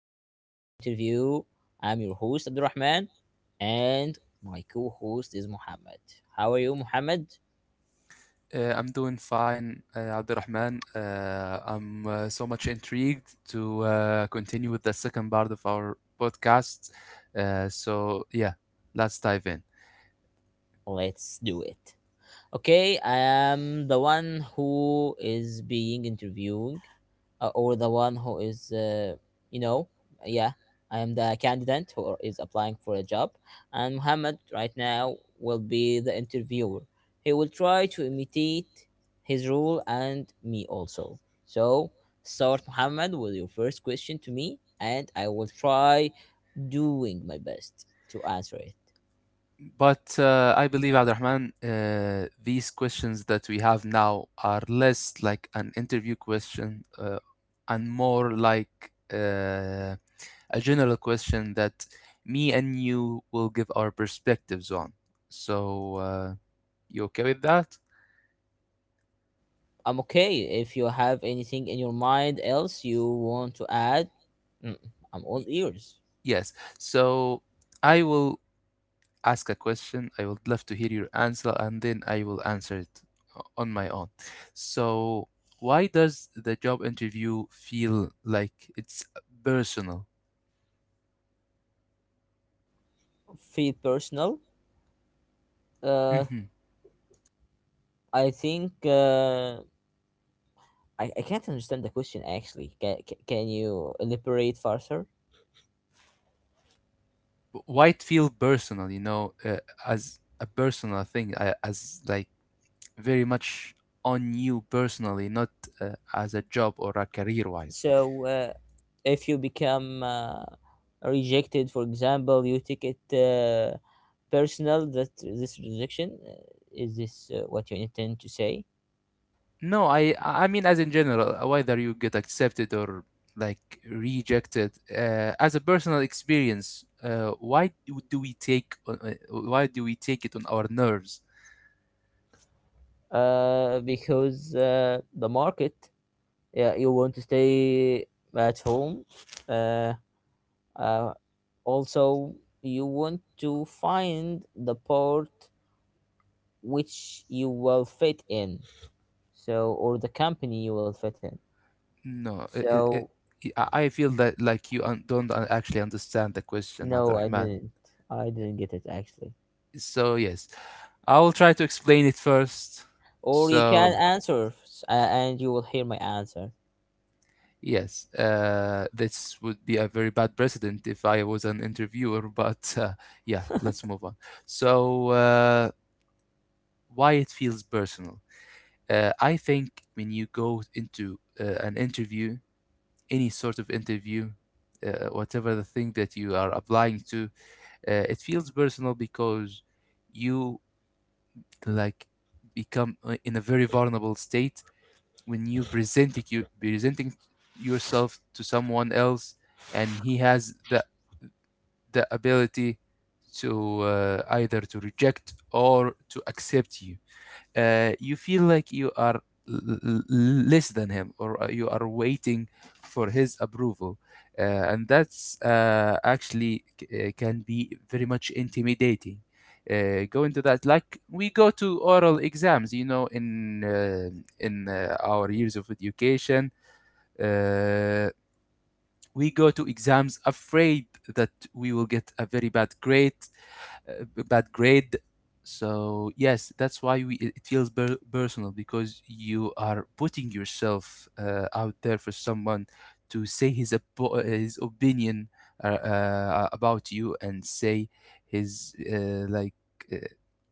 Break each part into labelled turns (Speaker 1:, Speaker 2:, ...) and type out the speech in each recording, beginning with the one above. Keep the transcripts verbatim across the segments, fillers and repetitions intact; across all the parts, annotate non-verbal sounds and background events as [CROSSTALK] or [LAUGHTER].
Speaker 1: the job interview. I'm your host Abdurrahman and my co-host is Muhammad. How are you Muhammad?
Speaker 2: Uh, I'm doing fine, uh, Abdurrahman. Uh, I'm uh, so much intrigued to uh, continue with the second part of our podcast. Uh, so, yeah, let's dive in.
Speaker 1: Let's do it. Okay, I am the one who is being interviewing, uh, or the one who is, uh, you know, yeah, I am the candidate who is applying for a job, and Muhammad right now will be the interviewer. He will try to imitate his role and me also. So, start Muhammad with your first question to me, and I will try doing my best to answer it.
Speaker 2: But uh, I believe, Abdurrahman, uh, these questions that we have now are less like an interview question uh, and more like uh, a general question that me and you will give our perspectives on. So, uh, you okay with that?
Speaker 1: I'm okay. If you have anything in your mind else you want to add, mm, I'm all ears.
Speaker 2: Yes. So I will ask a question. I would love to hear your answer, and then I will answer it o- on my own. So, why does the job interview feel like it's personal?
Speaker 1: Feel personal. Uh,
Speaker 2: hmm
Speaker 1: I think uh, I, I can't understand the question actually. Can, can, can you elaborate further?
Speaker 2: Why it feel personal? You know, uh, as a personal thing, uh, as like very much on you personally, not uh, as a job or a career-wise.
Speaker 1: So, uh, if you become uh, rejected, for example, you take it uh, personal that this rejection uh, is this uh, what you intend to say?
Speaker 2: No, I I mean as in general, whether you get accepted or like rejected, uh, as a personal experience, uh, why do do we take on- uh, why do we take it on our nerves?
Speaker 1: Uh, because uh, the market, yeah, you want to stay at home, uh, uh, also you want to find the part which you will fit in, so, or the company you will fit in,
Speaker 2: No, it,
Speaker 1: so
Speaker 2: it, it, I I feel that like you un don't un- actually understand the question,
Speaker 1: no, i
Speaker 2: Abdurrahman.
Speaker 1: didn't i didn't get it actually.
Speaker 2: So yes, I will try to explain it first.
Speaker 1: Or you can
Speaker 2: So.
Speaker 1: answer s- a- and you will hear my answer.
Speaker 2: Yes, uh, this would be a very bad precedent if I was an interviewer, [LAUGHS] but uh, yeah, let's move on. So, uh, why it feels personal? Uh, I think when you go into uh, an interview, any sort of interview, uh, whatever the thing that you are applying to, uh, it feels personal because you like become uh, in a very vulnerable state when you presenting you presenting yourself to someone else and he has the the ability to uh, either to reject or to accept you, uh, you feel like you are l- l- less than him or uh, you are waiting for his approval, uh, and that's uh, actually c- uh, can be very much intimidating, uh, go into that like we go to oral exams, you know, in uh, in uh, our years of education. uh, we go to exams afraid that we will get a very bad grade, uh, b- bad grade. So yes, that's why we, it it feels per- personal because you are putting yourself uh, out there for someone to say his op- his opinion uh, uh, about you and say his uh, like uh,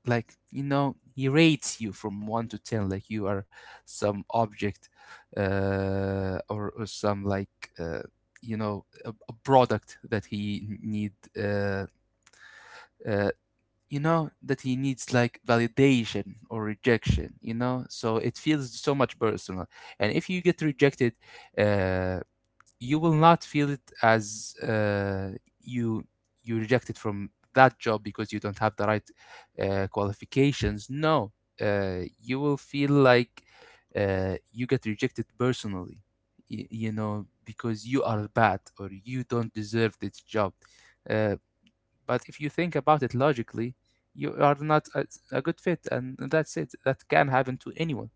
Speaker 2: like you know he rates you from one to ten like you are some object, uh, or, or some like uh, you know a, a product that he need. Uh, uh, you know that he needs like validation or rejection, you know, so it feels so much personal. And if you get rejected, uh, you will not feel it as uh, you you rejected from that job because you don't have the right uh, qualifications, no. Uh, you will feel like uh, you get rejected personally, y- you know, because you are bad or you don't deserve this job, uh, but if you think about it logically, you are not a, a good fit, and that's it. That can happen to anyone.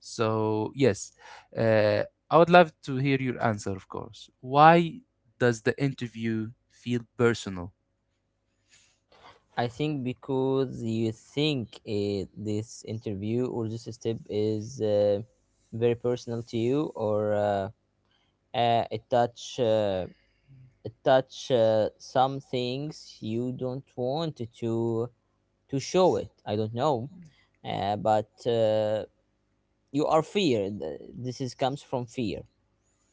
Speaker 2: So, yes, uh, I would love to hear your answer, of course. Why does the interview feel personal?
Speaker 1: I think because you think uh, this interview or this step is uh, very personal to you, or uh, uh, it touch uh, it touch uh, some things you don't want to to show it, i don't know. Uh, but uh, you are feared, this is comes from fear.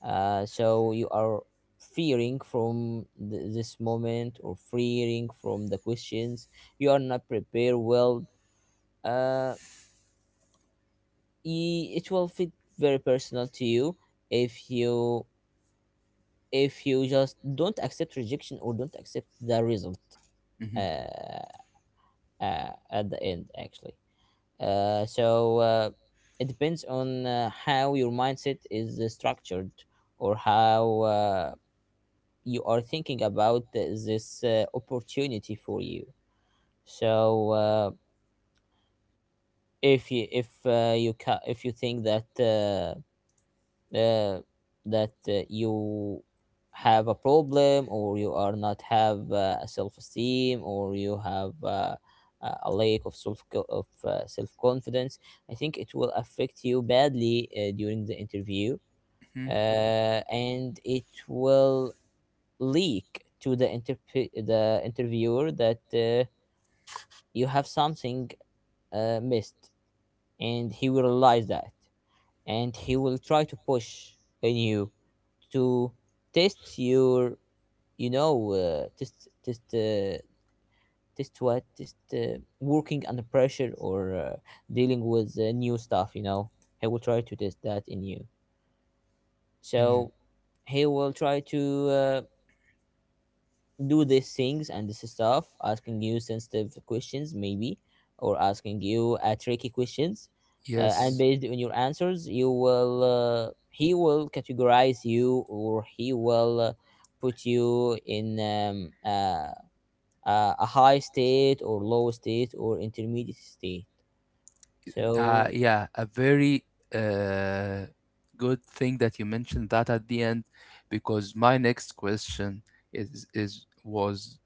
Speaker 1: uh, so you are fearing from th- this moment, or fearing from the questions, you are not prepared well. uh, i- it will fit very personal to you if you, if you just don't accept rejection, or don't accept the result
Speaker 2: Mhm,
Speaker 1: uh, uh, at the end actually. uh, so uh, it depends on uh, how your mindset is uh, structured, or how uh, you are thinking about this uh, opportunity for you. so uh, if you, if uh, you ca- if you think that uh, uh, that uh, you have a problem, or you are not have uh, a self-esteem, or you have uh, a a lack of self of uh, self-confidence. I think it will affect you badly uh, during the interview
Speaker 2: mhm,
Speaker 1: uh, and it will leak to the interp- the interviewer that uh, you have something uh, missed, and he will realize that, and he will try to push on you to test your, you know uh, test test uh, test what test uh, working under pressure, or uh, dealing with uh, new stuff, you know he will try to test that in you.
Speaker 2: mhm.
Speaker 1: So he will try to uh, do these things and this stuff, asking you sensitive questions maybe, or asking you uh, tricky questions, uh, and
Speaker 2: Yes,
Speaker 1: based on your answers, you will uh, he will categorize you, or he will uh, put you in um, uh, uh, a high state, or low state, or intermediate state.
Speaker 2: uh,
Speaker 1: So
Speaker 2: yeah, a very uh, good thing that you mentioned that at the end, because my next question is is was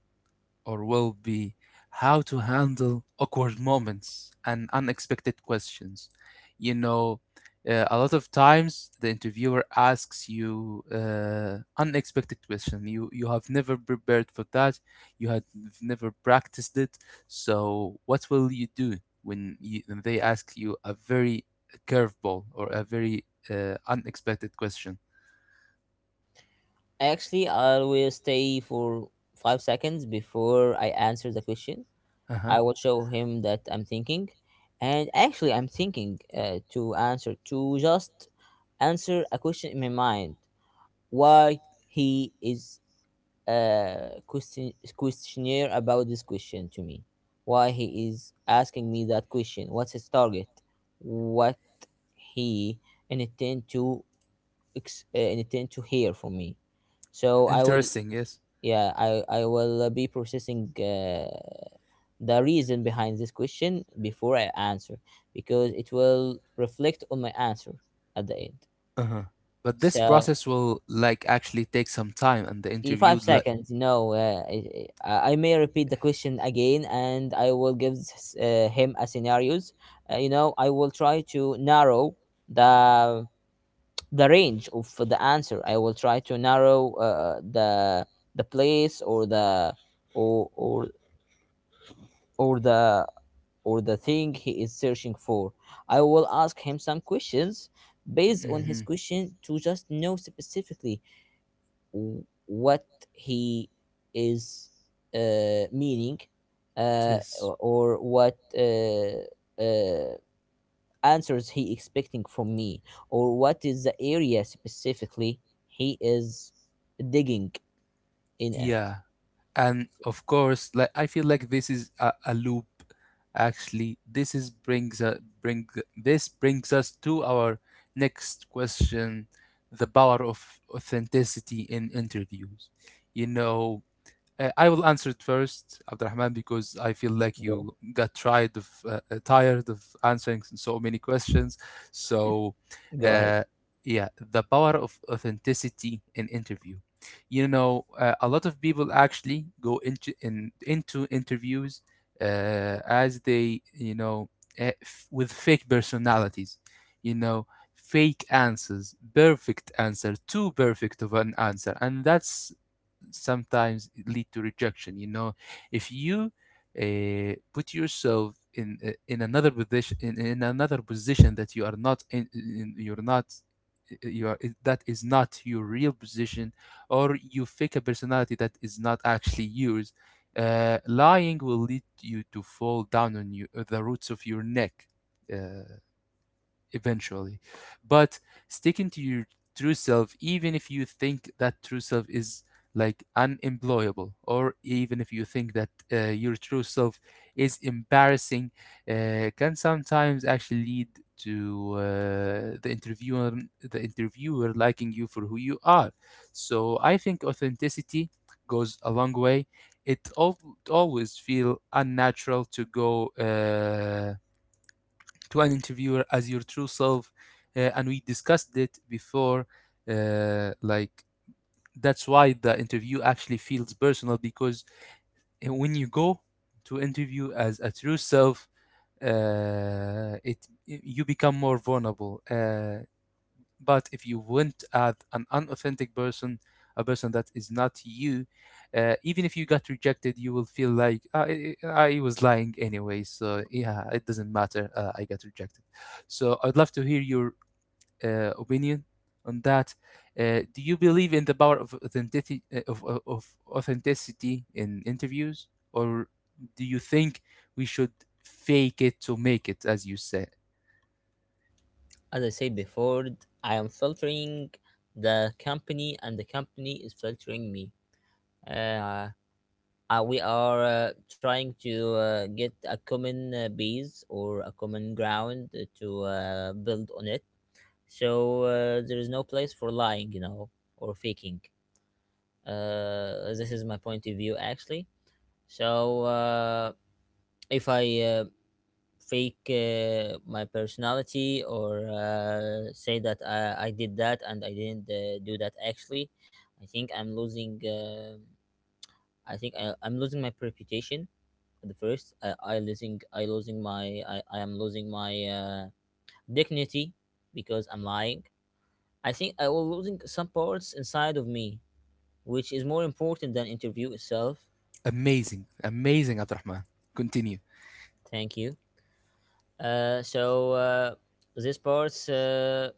Speaker 2: or will be how to handle awkward moments and unexpected questions. You know, uh, a lot of times the interviewer asks you uh, unexpected question. You you have never prepared for that. You had never practiced it. So what will you do when, you, when they ask you a very curveball or a very uh, unexpected question?
Speaker 1: actually, I always stay for five seconds before I answer the question.
Speaker 2: Uh huh.
Speaker 1: I will show him that I'm thinking. And actually, I'm thinking uh, to answer, to just answer a question in my mind why he is uh, question, questionnaire about this question to me. Why he is asking me that question? What's his target? What he intend to ex- uh, intend to hear from me. So I will,
Speaker 2: Interesting. Yes.
Speaker 1: yeah, I, I will uh, be processing Uh, the reason behind this question before I answer, because it will reflect on my answer at the end.
Speaker 2: Uh-huh. But this
Speaker 1: So,
Speaker 2: process will like actually take some time, and the
Speaker 1: in five
Speaker 2: interviewed like.
Speaker 1: seconds, no, uh, I, I I may repeat the question again, and I will give s- uh, him a scenarios. Uh, you know, I will try to narrow the the range of the answer. I will try to narrow uh, the the place, or the or or or the or the thing he is searching for. I will ask him some questions based on his
Speaker 2: Mhm.
Speaker 1: question to just know specifically w- what he is uh, meaning, uh,
Speaker 2: Yes,
Speaker 1: or what uh, uh, answers he expecting from me, or what is the area specifically he is digging in at.
Speaker 2: yeah, and of course, like I feel like this is a, a loop. Actually, this is brings uh, bring this brings us to our next question: the power of authenticity in interviews. You know, Uh, I will answer it first, Abdurrahman, because I feel like
Speaker 1: Go,
Speaker 2: you got tired of uh, uh, tired of answering so many questions. So,
Speaker 1: go ahead.
Speaker 2: uh, yeah, the power of authenticity in interview. You know, uh, a lot of people actually go into in, into interviews uh, as they, you know, uh, f- with fake personalities. You know, fake answers, perfect answer, too perfect of an answer, and that's sometimes lead to rejection. You know, if you uh, put yourself in uh, in another position in, in another position that you are not in, in you're not eh, you are that is not your real position, or you fake a personality that is not actually yours, uh, lying will lead you to fall down on you, the roots of your neck uh, eventually. But sticking to your true self, even if you think that true self is like unemployable, or even if you think that uh, your true self is embarrassing, uh, can sometimes actually lead to uh, the interviewer the interviewer liking you for who you are. So I think authenticity goes a long way. It al- always feel unnatural to go. Uh, to an interviewer as your true self, uh, and we discussed it before, uh, like that's why the interview actually feels personal because uh, when you go to interview as a true self, uh, it you become more vulnerable, uh, but if you went at an unauthentic person, a person that is not you, uh, even if you got rejected, you will feel like "Ah, I, I was lying anyway. So yeah, it doesn't matter. Uh, I got rejected." So I'd love to hear your uh, opinion on that. Uh, do you believe in the power of authenticity of, of of authenticity in interviews, or do you think we should fake it to make it, as you say?
Speaker 1: As I said before, I am filtering the company, and the company is filtering me. Uh, uh, we are uh, trying to uh, get a common uh, base, or a common ground uh, to uh, build on it. So uh, there is no place for lying, you know, or faking. Uh, this is my point of view, actually. So uh, if I uh, fake uh, my personality, or uh, say that I, I did that, and I didn't uh, do that actually. I think I'm losing. um I think I, I'm losing my reputation. At the first, I, I losing. I losing my. I, I am losing my uh, dignity, because I'm lying. I think I will losing some parts inside of me, which is more important than interview itself.
Speaker 2: Amazing, amazing, Abdurrahman. Continue.
Speaker 1: Thank you. Uh, so uh, these parts Uh,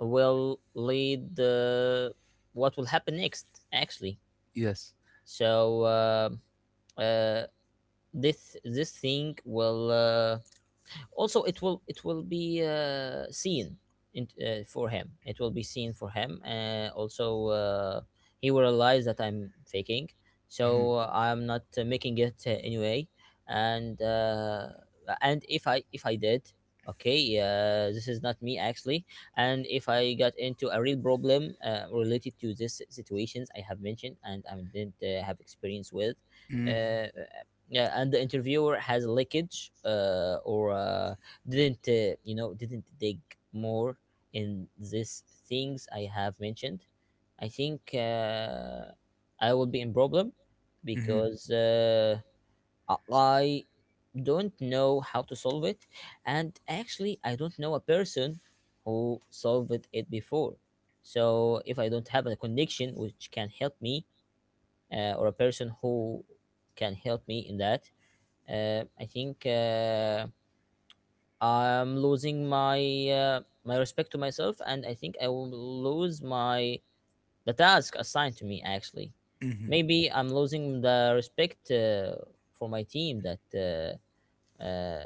Speaker 1: will lead the what will happen next actually.
Speaker 2: Yes.
Speaker 1: so uh, uh, this this thing will uh, also it will it will be uh, seen in, uh, for him, it will be seen for him uh, also uh, he will realize that I'm faking.
Speaker 2: Mhm.
Speaker 1: so uh, I'm not uh, making it uh, anyway. And uh, and if i if i did okay, uh, this is not me actually. And if I got into a real problem uh, related to this situations I have mentioned, and I didn't uh, have experience with
Speaker 2: Mm,
Speaker 1: uh, yeah, and the interviewer has leakage, uh, or uh, didn't uh, you know didn't dig more in these things I have mentioned. I think uh, I will be in problem,
Speaker 2: mhm,
Speaker 1: because uh, I I don't know how to solve it, and actually I don't know a person who solved it before. So if I don't have a connection which can help me, uh, or a person who can help me in that, uh, I think uh, I'm losing my uh, my respect to myself, and I think I will lose my the task assigned to me. Actually,
Speaker 2: mhm.
Speaker 1: maybe I'm losing the respect uh, for my team, that uh, uh,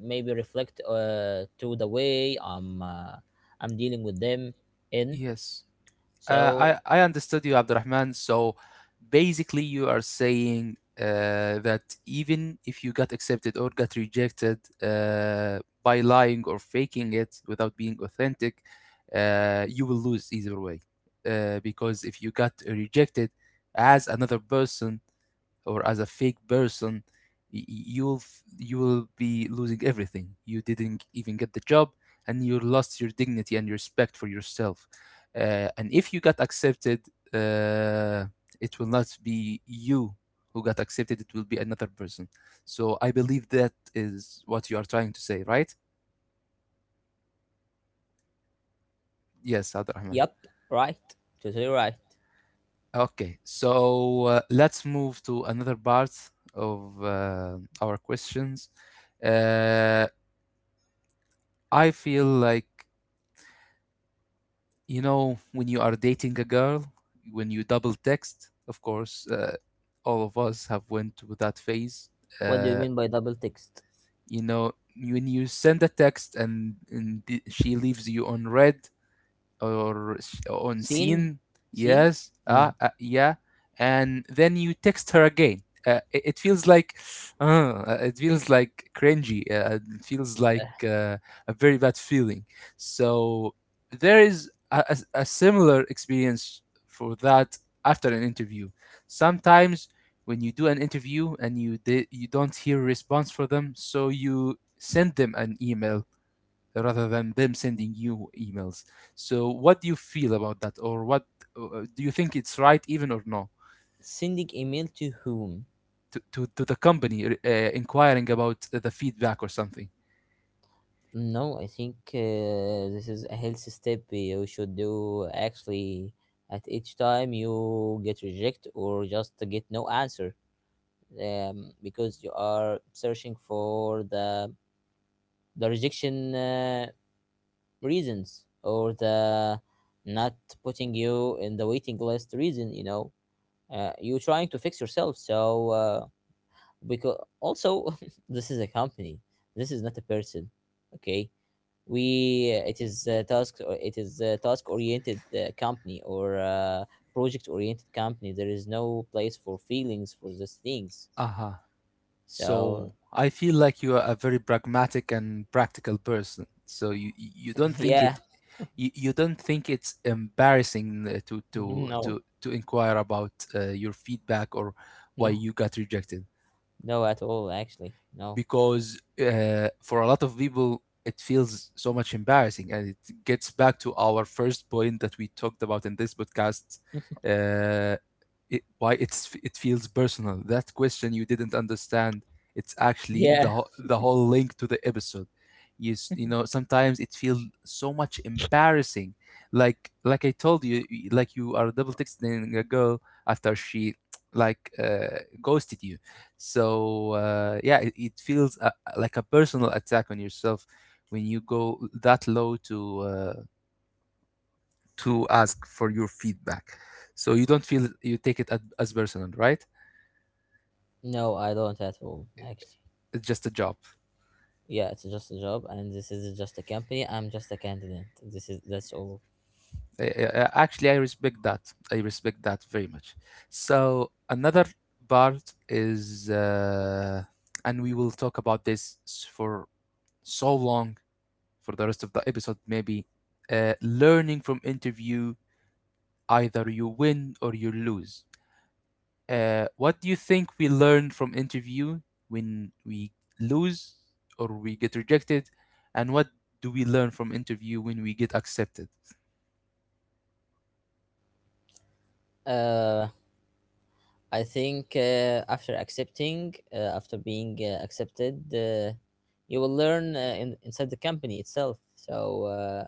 Speaker 1: maybe reflect uh, to the way I'm uh, I'm dealing with them in.
Speaker 2: Yes.
Speaker 1: So,
Speaker 2: Uh, I, I understood you, Abdurrahman. So basically, you are saying uh, that even if you got accepted or got rejected uh, by lying or faking it without being authentic, uh, you will lose either way. Uh, because if you got rejected as another person, or as a fake person, y- y- you'll f- you will be losing everything. You didn't even get the job, and you lost your dignity and respect for yourself. Uh, and if you got accepted, uh, it will not be you who got accepted. It will be another person. So I believe that is what you are trying to say, right? Yes, Abdurrahman.
Speaker 1: yep, right, totally right.
Speaker 2: Okay, so uh, let's move to another part of uh, our questions. Uh, I feel like, you know, when you are dating a girl, when you double text, of course, uh, all of us have went through that phase.
Speaker 1: What do you
Speaker 2: Uh,
Speaker 1: mean by double text?
Speaker 2: you know, when you send a text and, and th- she leaves you on red, or on
Speaker 1: Seen,
Speaker 2: scene.
Speaker 1: seen.
Speaker 2: Yes, uh,
Speaker 1: Mm.
Speaker 2: uh yeah. And then you text her again, uh, it, it feels like uh, uh, it feels like cringy, uh, it feels like uh, a very bad feeling. So there is a, a, a similar experience for that after an interview sometimes. When you do an interview and you di- you don't hear a response for them, so you send them an email rather than them sending you emails. So what do you feel about that, or what uh, do you think it's right, even or no,
Speaker 1: Sending email to whom?
Speaker 2: to to, to the company uh, inquiring about the feedback or something?
Speaker 1: No, I think uh, this is a healthy step you should do actually at each time you get reject, or just get no answer, um, because you are searching for the the rejection uh, reasons, or the not putting you in the waiting list reason, you know, uh, you trying to fix yourself. so uh, because also [LAUGHS] this is a company, this is not a person, okay, we, it is a task, or it is a task oriented uh, company, or uh project oriented company, there is no place for feelings for these things,
Speaker 2: Uh-huh. So
Speaker 1: so.
Speaker 2: I feel like you are a very pragmatic and practical person. So you you
Speaker 1: [LAUGHS]
Speaker 2: don't think
Speaker 1: Yeah.
Speaker 2: it you, you don't think it's embarrassing uh, to to
Speaker 1: No,
Speaker 2: to to inquire about uh, your feedback or why
Speaker 1: no,
Speaker 2: you got rejected.
Speaker 1: no at all, actually. No.
Speaker 2: Because uh, for a lot of people it feels so much embarrassing and it gets back to our first point that we talked about in this podcast,
Speaker 1: [LAUGHS]
Speaker 2: uh, it, why it's it feels personal. That question you didn't understand. It's actually
Speaker 1: Yeah,
Speaker 2: the wh- the whole link to the episode. You s- you know sometimes it feels so much embarrassing. Like like I told you, y- like you are double texting a girl after she like uh, ghosted you. So uh, yeah, it, it feels uh like a personal attack on yourself when you go that low to uh, to ask for your feedback. So you don't feel you take it at- as personal, right?
Speaker 1: no, I don't at all, actually.
Speaker 2: It's just a job.
Speaker 1: Yeah, it's just a job, and this is just a company, I'm just a candidate, this is that's all.
Speaker 2: Uh, uh, Actually, I respect that. I respect that very much. So another part is, uh, and we will talk about this s- for so long for the rest of the episode. Maybe uh, learning from interview, either you win or you lose. Uh, what do you think we learn from interview when we lose or we get rejected, and what do we learn from interview when we get accepted?
Speaker 1: uh I think uh, after accepting, uh, after being uh, accepted, uh, you will learn uh, in, inside the company itself. So uh,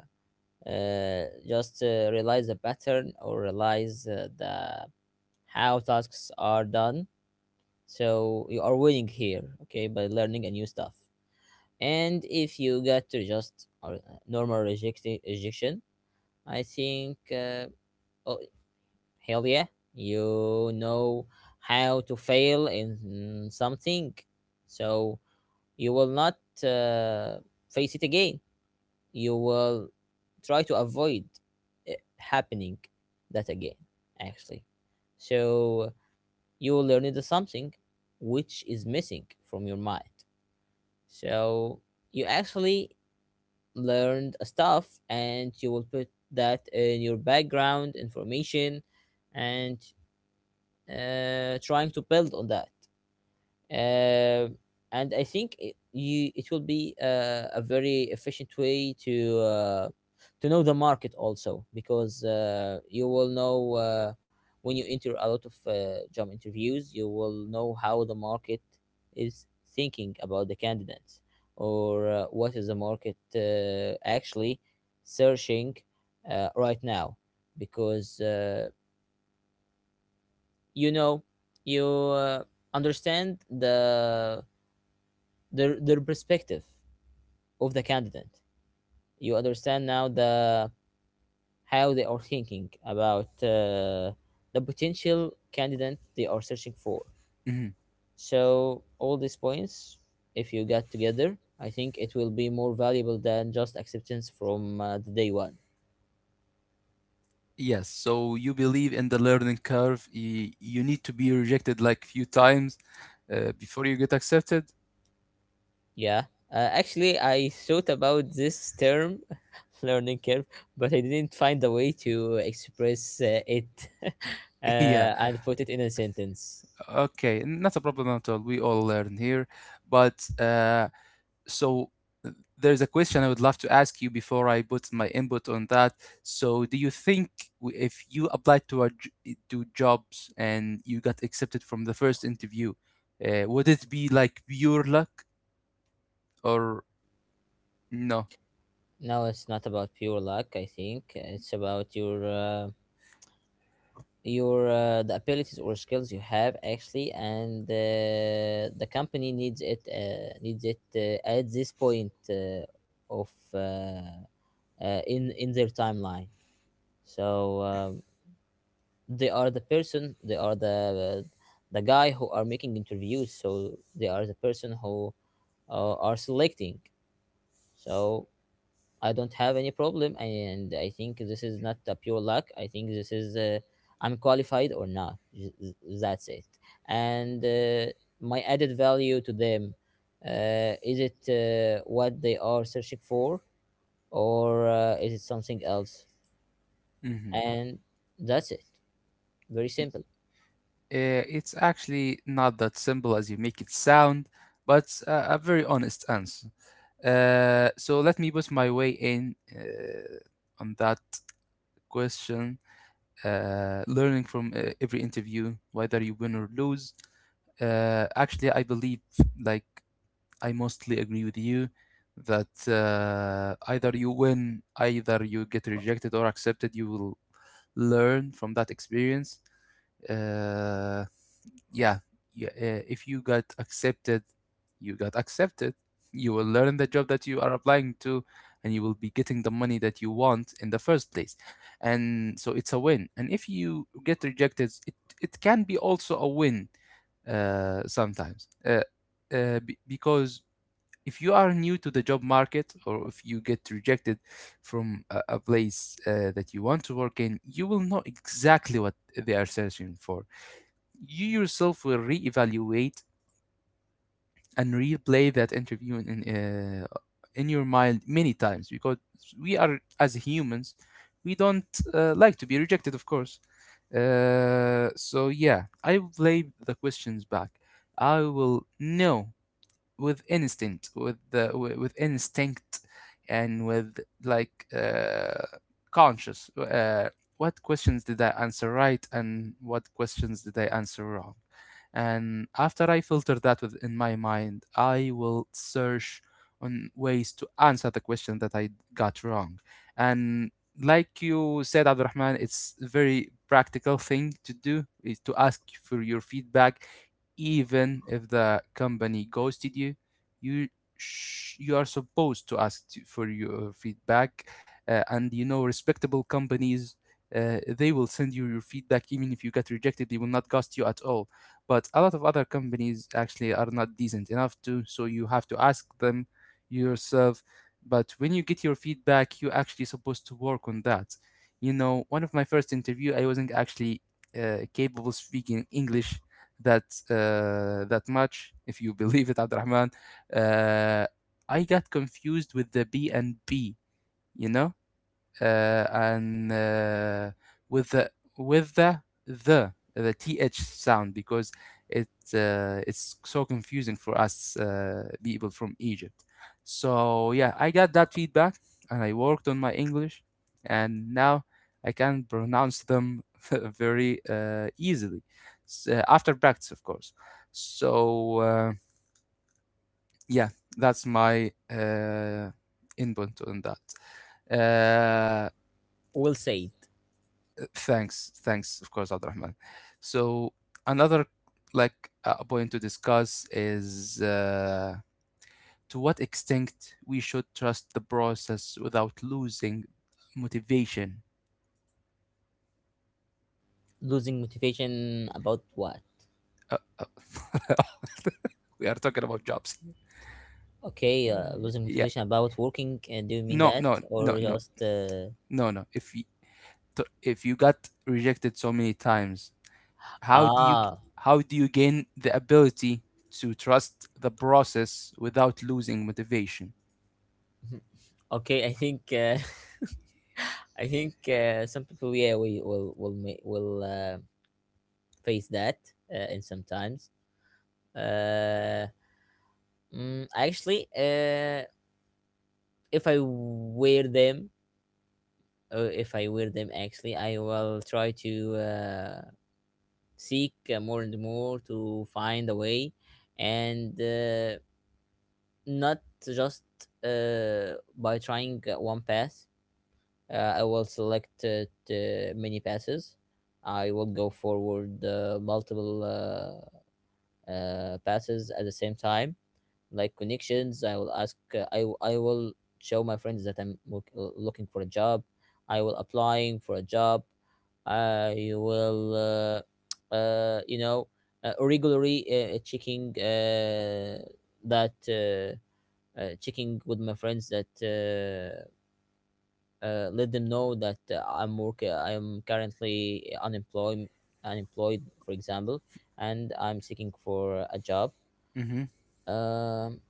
Speaker 1: uh, just uh, realize the pattern, or realize uh, the how tasks are done. So you are winning here, okay, by learning a new stuff. And if you get to just, or uh, normal rejection, rejection, I think uh, oh, hell yeah, you know how to fail in something, so you will not uh, face it again. You will try to avoid it happening that again, actually. So you will learned something which is missing from your mind. So you actually learned stuff, and you will put that in your background information, and uh, trying to build on that. Uh, and I think it, you it will be uh, a very efficient way to uh, to know the market also, because uh, you will know uh, when you enter a lot of uh, job interviews, you will know how the market is thinking about the candidates, or uh, what is the market uh, actually searching uh, right now, because Uh, you know you uh, understand the their, their perspective of the candidate. You understand now the how they are thinking about uh, the potential candidate they are searching for.
Speaker 2: Mhm.
Speaker 1: So all these points, if you get together, I think it will be more valuable than just acceptance from uh, the day one.
Speaker 2: Yes, so you believe in the learning curve. y- You need to be rejected like few times uh, before you get accepted.
Speaker 1: Yeah. Uh, actually, I thought about this term, [LAUGHS] learning curve, but I didn't find a way to express uh, it [LAUGHS]
Speaker 2: [LAUGHS] Yeah,
Speaker 1: uh, and put it in a sentence.
Speaker 2: okay, not a problem at all. We all learn here. But uh, so uh, there's a question I would love to ask you before I put my input on that. So do you think w- if you applied to a, j- to jobs and you got accepted from the first interview, uh, would it be like pure luck or no?
Speaker 1: No, it's not about pure luck. I think it's about your uh, your uh, the abilities or skills you have actually, and uh, the company needs it, uh, needs it uh, at this point uh, of uh, uh, in in their timeline. So. Um, they are the person they are the the guy who are making interviews, so they are the person who uh, are selecting. So i don't have any problem, and i think this is not a pure luck. I think this is uh, i'm qualified or not. Th- th- that's it. And uh, my added value to them, uh, is it uh, what they are searching for, or uh, is it something else?
Speaker 2: Hmm.
Speaker 1: And that's it. Very simple.
Speaker 2: Uh, it's actually not that simple as you make it sound, but it's a, a very honest answer. Uh, so let me put my way in uh, on that question. Uh, learning from uh, every interview, whether you win or lose. Uh, actually, I believe, like, I mostly agree with you that uh, either you win, either you get rejected or accepted, you will learn from that experience. Uh, yeah, yeah uh, if you got accepted, you got accepted, you will learn the job that you are applying to, and you will be getting the money that you want in the first place, and so it's a win. And if you get rejected it, it can be also a win uh, sometimes uh, uh, be- because if you are new to the job market, or if you get rejected from a, a place uh, that you want to work in, you will know exactly what they are searching for. You yourself will reevaluate and replay that interview in in, uh, in your mind many times, because we are as humans, we don't uh, like to be rejected, of course. Uh, so yeah, I will play the questions back. I will know with instinct, with the with, with instinct, and with like uh, conscious, uh, what questions did I answer right and what questions did I answer wrong. And after I filter that within my mind, I will search on ways to answer the question that I got wrong. And like you said, Abdurrahman, it's a very practical thing to do is to ask for your feedback. Even if the company ghosted you, you sh- you are supposed to ask to, for your feedback. Uh, and you know, respectable companies, uh, they will send you your feedback. Even if you get rejected, they will not ghost you at all. But a lot of other companies actually are not decent enough to, so you have to ask them yourself. But when you get your feedback, you're actually supposed to work on that. You know, one of my first interview, I wasn't actually uh, capable speaking English that uh, that much, if you [LAUGHS] believe it, Abdurrahman, uh, I got confused with the B and B. You know, uh, and uh, with the with the the the th sound, because it uh, it's so confusing for us uh, people from Egypt. So yeah, I got that feedback and I worked on my English, and now I can pronounce them [LAUGHS] very uh, easily. S- uh, after practice, of course. So uh, yeah, that's my uh, input on that. Uh,
Speaker 1: Well said.
Speaker 2: Thanks, thanks, of course, Abdurrahman. So another like uh, point to discuss is uh, to what extent we should trust the process without losing motivation.
Speaker 1: Losing motivation about what?
Speaker 2: Uh, uh, [LAUGHS] we are talking about jobs.
Speaker 1: Okay, uh,
Speaker 2: Uh,
Speaker 1: losing
Speaker 2: yeah,
Speaker 1: motivation about working. Uh, do you mean
Speaker 2: no,
Speaker 1: that,
Speaker 2: no, no,
Speaker 1: or
Speaker 2: no,
Speaker 1: just uh?
Speaker 2: no, no. If you t- if you got rejected so many times, how do you,
Speaker 1: Ah?
Speaker 2: how do you gain the ability to trust the process without losing motivation?
Speaker 1: [LAUGHS] Okay, I think uh, [LAUGHS] I think uh, some people, yeah, we will will ma- will uh, face that uh, in some times. Uh, mm, Actually, uh, if I wear them, uh, if I wear them, actually, I will try to uh, seek uh, more and more to find a way, and. Uh, not just uh, by trying uh, one pass. Uh, I will select uh, the many passes. I will go forward uh, multiple uh, uh, passes at the same time, like connections. I will ask. Uh, I w- I will show my friends that I'm look- looking for a job. I will applying for a job. I will, uh, [TSK] uh, you know, uh, regularly uh, checking uh, that. Uh, uh, checking with my friends that uh, uh, let them know that uh, I'm work uh, I'm currently unemployed unemployed, for example, and I'm seeking for a job.
Speaker 2: Mm-hmm.
Speaker 1: um,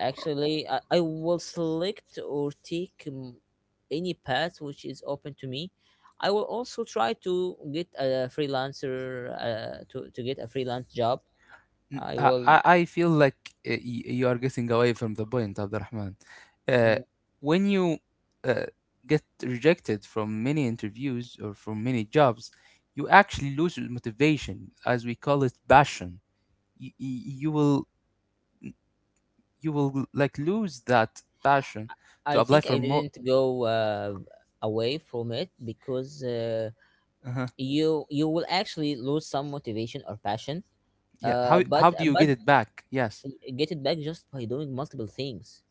Speaker 1: Actually, I, I will select or take um, any path which is open to me. I will also try to get a freelancer, uh, to, to get a freelance job.
Speaker 2: Mm,
Speaker 1: I
Speaker 2: I,
Speaker 1: will
Speaker 2: I I feel like uh, y- you are getting away from the point, Abdurrahman. Uh,
Speaker 1: mm,
Speaker 2: when you uh, get rejected from many interviews or from many jobs, you actually lose your motivation, as we call it, passion. You, you will, you will like lose that passion to
Speaker 1: I
Speaker 2: apply
Speaker 1: think I
Speaker 2: for more.
Speaker 1: didn't go uh, away from it, because uh,
Speaker 2: Uh.
Speaker 1: you you will actually lose some motivation or passion
Speaker 2: Yeah.
Speaker 1: uh
Speaker 2: How
Speaker 1: but
Speaker 2: how do
Speaker 1: uh,
Speaker 2: you
Speaker 1: but
Speaker 2: get it back? Yes.
Speaker 1: get it back just by doing multiple things.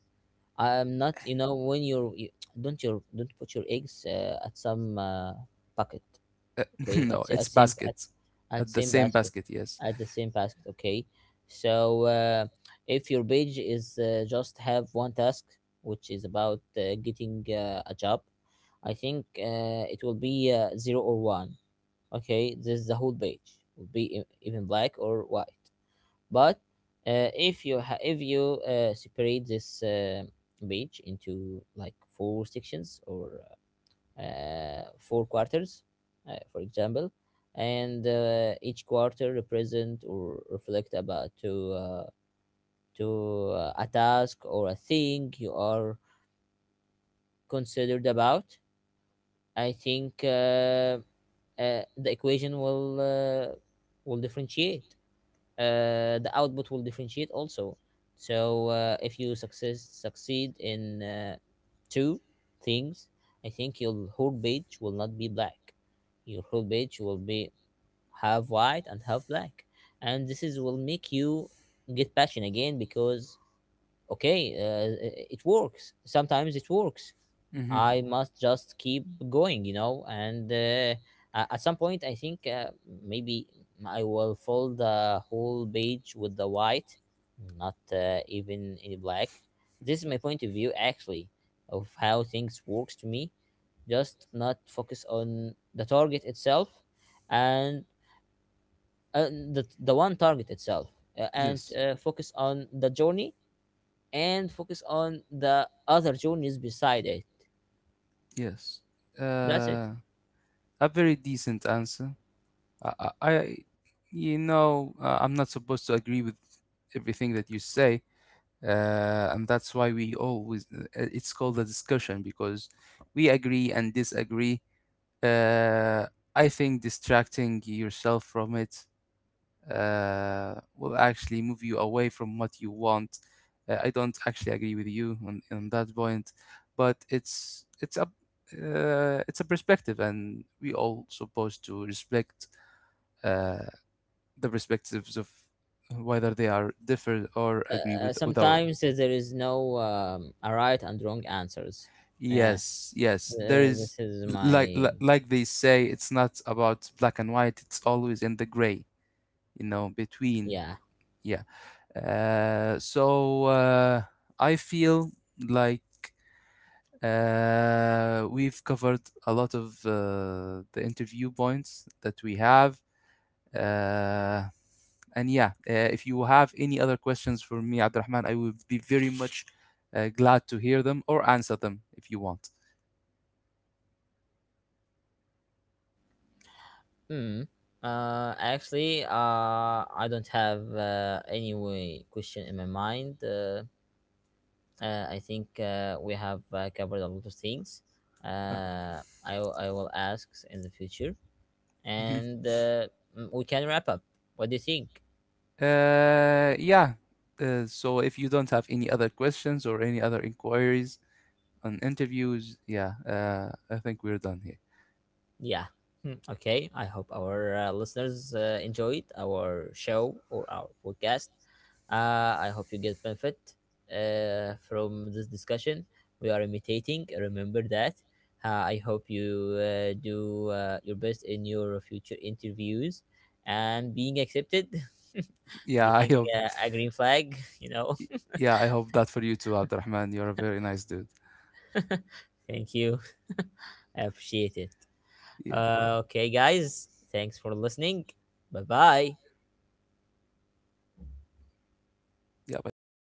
Speaker 1: I'm not, you know, when you're you, [TSK] don't your don't put your eggs uh, at some uh, bucket.
Speaker 2: Uh, [LAUGHS]
Speaker 1: Okay, at,
Speaker 2: no,
Speaker 1: sa-
Speaker 2: it's
Speaker 1: at same at
Speaker 2: baskets
Speaker 1: at
Speaker 2: at the
Speaker 1: same
Speaker 2: same
Speaker 1: basket,
Speaker 2: basket. Yes.
Speaker 1: at the same basket. Okay, so uh, if your page is uh, just have one task, which is about uh, getting uh, a job, i think uh, it will be uh, zero or one. Okay, this is the whole page would be e- even black or white. But uh, if you ha- if you uh, separate this uh, page into like four sections, or uh, four quarters, uh, for example, and uh, each quarter represent or reflect about to, uh, to uh, a task or a thing you are considered about, i think uh, uh, the equation will uh, will differentiate, uh, the output will differentiate also. So uh, if you success succeed in uh, two things, I think your whole page will not be black. Your whole page will be half white and half black, and this is will make you get passion again, because okay, uh, it it works. Sometimes it works.
Speaker 2: Mm-hmm.
Speaker 1: I must just keep going, you know. And uh, a- at some point, I think uh, maybe I will fill the whole page with the white, not uh, even in black. This is my point of view, actually, of how things works to me. Just not focus on the target itself, and uh, the the one target itself, uh, and
Speaker 2: Yes.
Speaker 1: uh, focus on the journey and focus on the other journeys beside it.
Speaker 2: Yes.
Speaker 1: That's it.
Speaker 2: Uh, a very decent answer. I, I, I- you know, uh, I'm not supposed to agree with everything that you say, uh, and that's why we always uh, uh, it's called a discussion, because we agree and disagree. Uh, I think distracting yourself from it uh, will actually move you away from what you want. Uh, I don't actually agree with you on, on that point, but it's it's a uh, it's a perspective, and we all supposed to respect uh, the perspectives of whether they are differ or agree
Speaker 1: Uh,
Speaker 2: with with our.
Speaker 1: sometimes there is no um, a right and wrong answers. Yeah,
Speaker 2: Yes, yes, there
Speaker 1: uh,
Speaker 2: is,
Speaker 1: this is
Speaker 2: like
Speaker 1: my.
Speaker 2: li- like they say, it's not about black and white. It's always in the gray, you know, between.
Speaker 1: Yeah.
Speaker 2: Yeah. Uh, so uh, I feel like uh, we've covered a lot of uh, the interview points that we have. Uh, and yeah, uh, if you have any other questions for me, Abdurrahman, I would be very much uh, glad to hear them or answer them if you want.
Speaker 1: Hmm. Uh, actually, uh, I don't have uh, any way question in my mind. Uh, uh, I think uh, we have uh, covered a lot of things.
Speaker 2: Uh,
Speaker 1: Uh, I w- I will ask in the future,
Speaker 2: [LAUGHS] mhm.
Speaker 1: and uh, mm, we can wrap up. What do you think?
Speaker 2: Uh, yeah. Uh, so if you don't have any other questions or any other inquiries on interviews, yeah, uh, I think we're done here.
Speaker 1: Yeah. Hmm. Okay, I hope our uh, listeners uh, enjoyed our show or our podcast. Uh, I hope you get benefit uh, from this discussion. We are imitating. Remember that. Uh, I hope you uh, do uh, your best in your future interviews and being accepted, [LAUGHS]
Speaker 2: Yeah, I
Speaker 1: getting
Speaker 2: hope.
Speaker 1: uh, a green flag, [LAUGHS] you know.
Speaker 2: Yeah, I hope that for you too, Abdurrahman. You're a very nice dude.
Speaker 1: [LAUGHS] Thank you. [LAUGHS] I appreciate it.
Speaker 2: Yeah.
Speaker 1: Uh, okay, guys, thanks for listening. Bye bye.
Speaker 2: Yeah. Bye bye.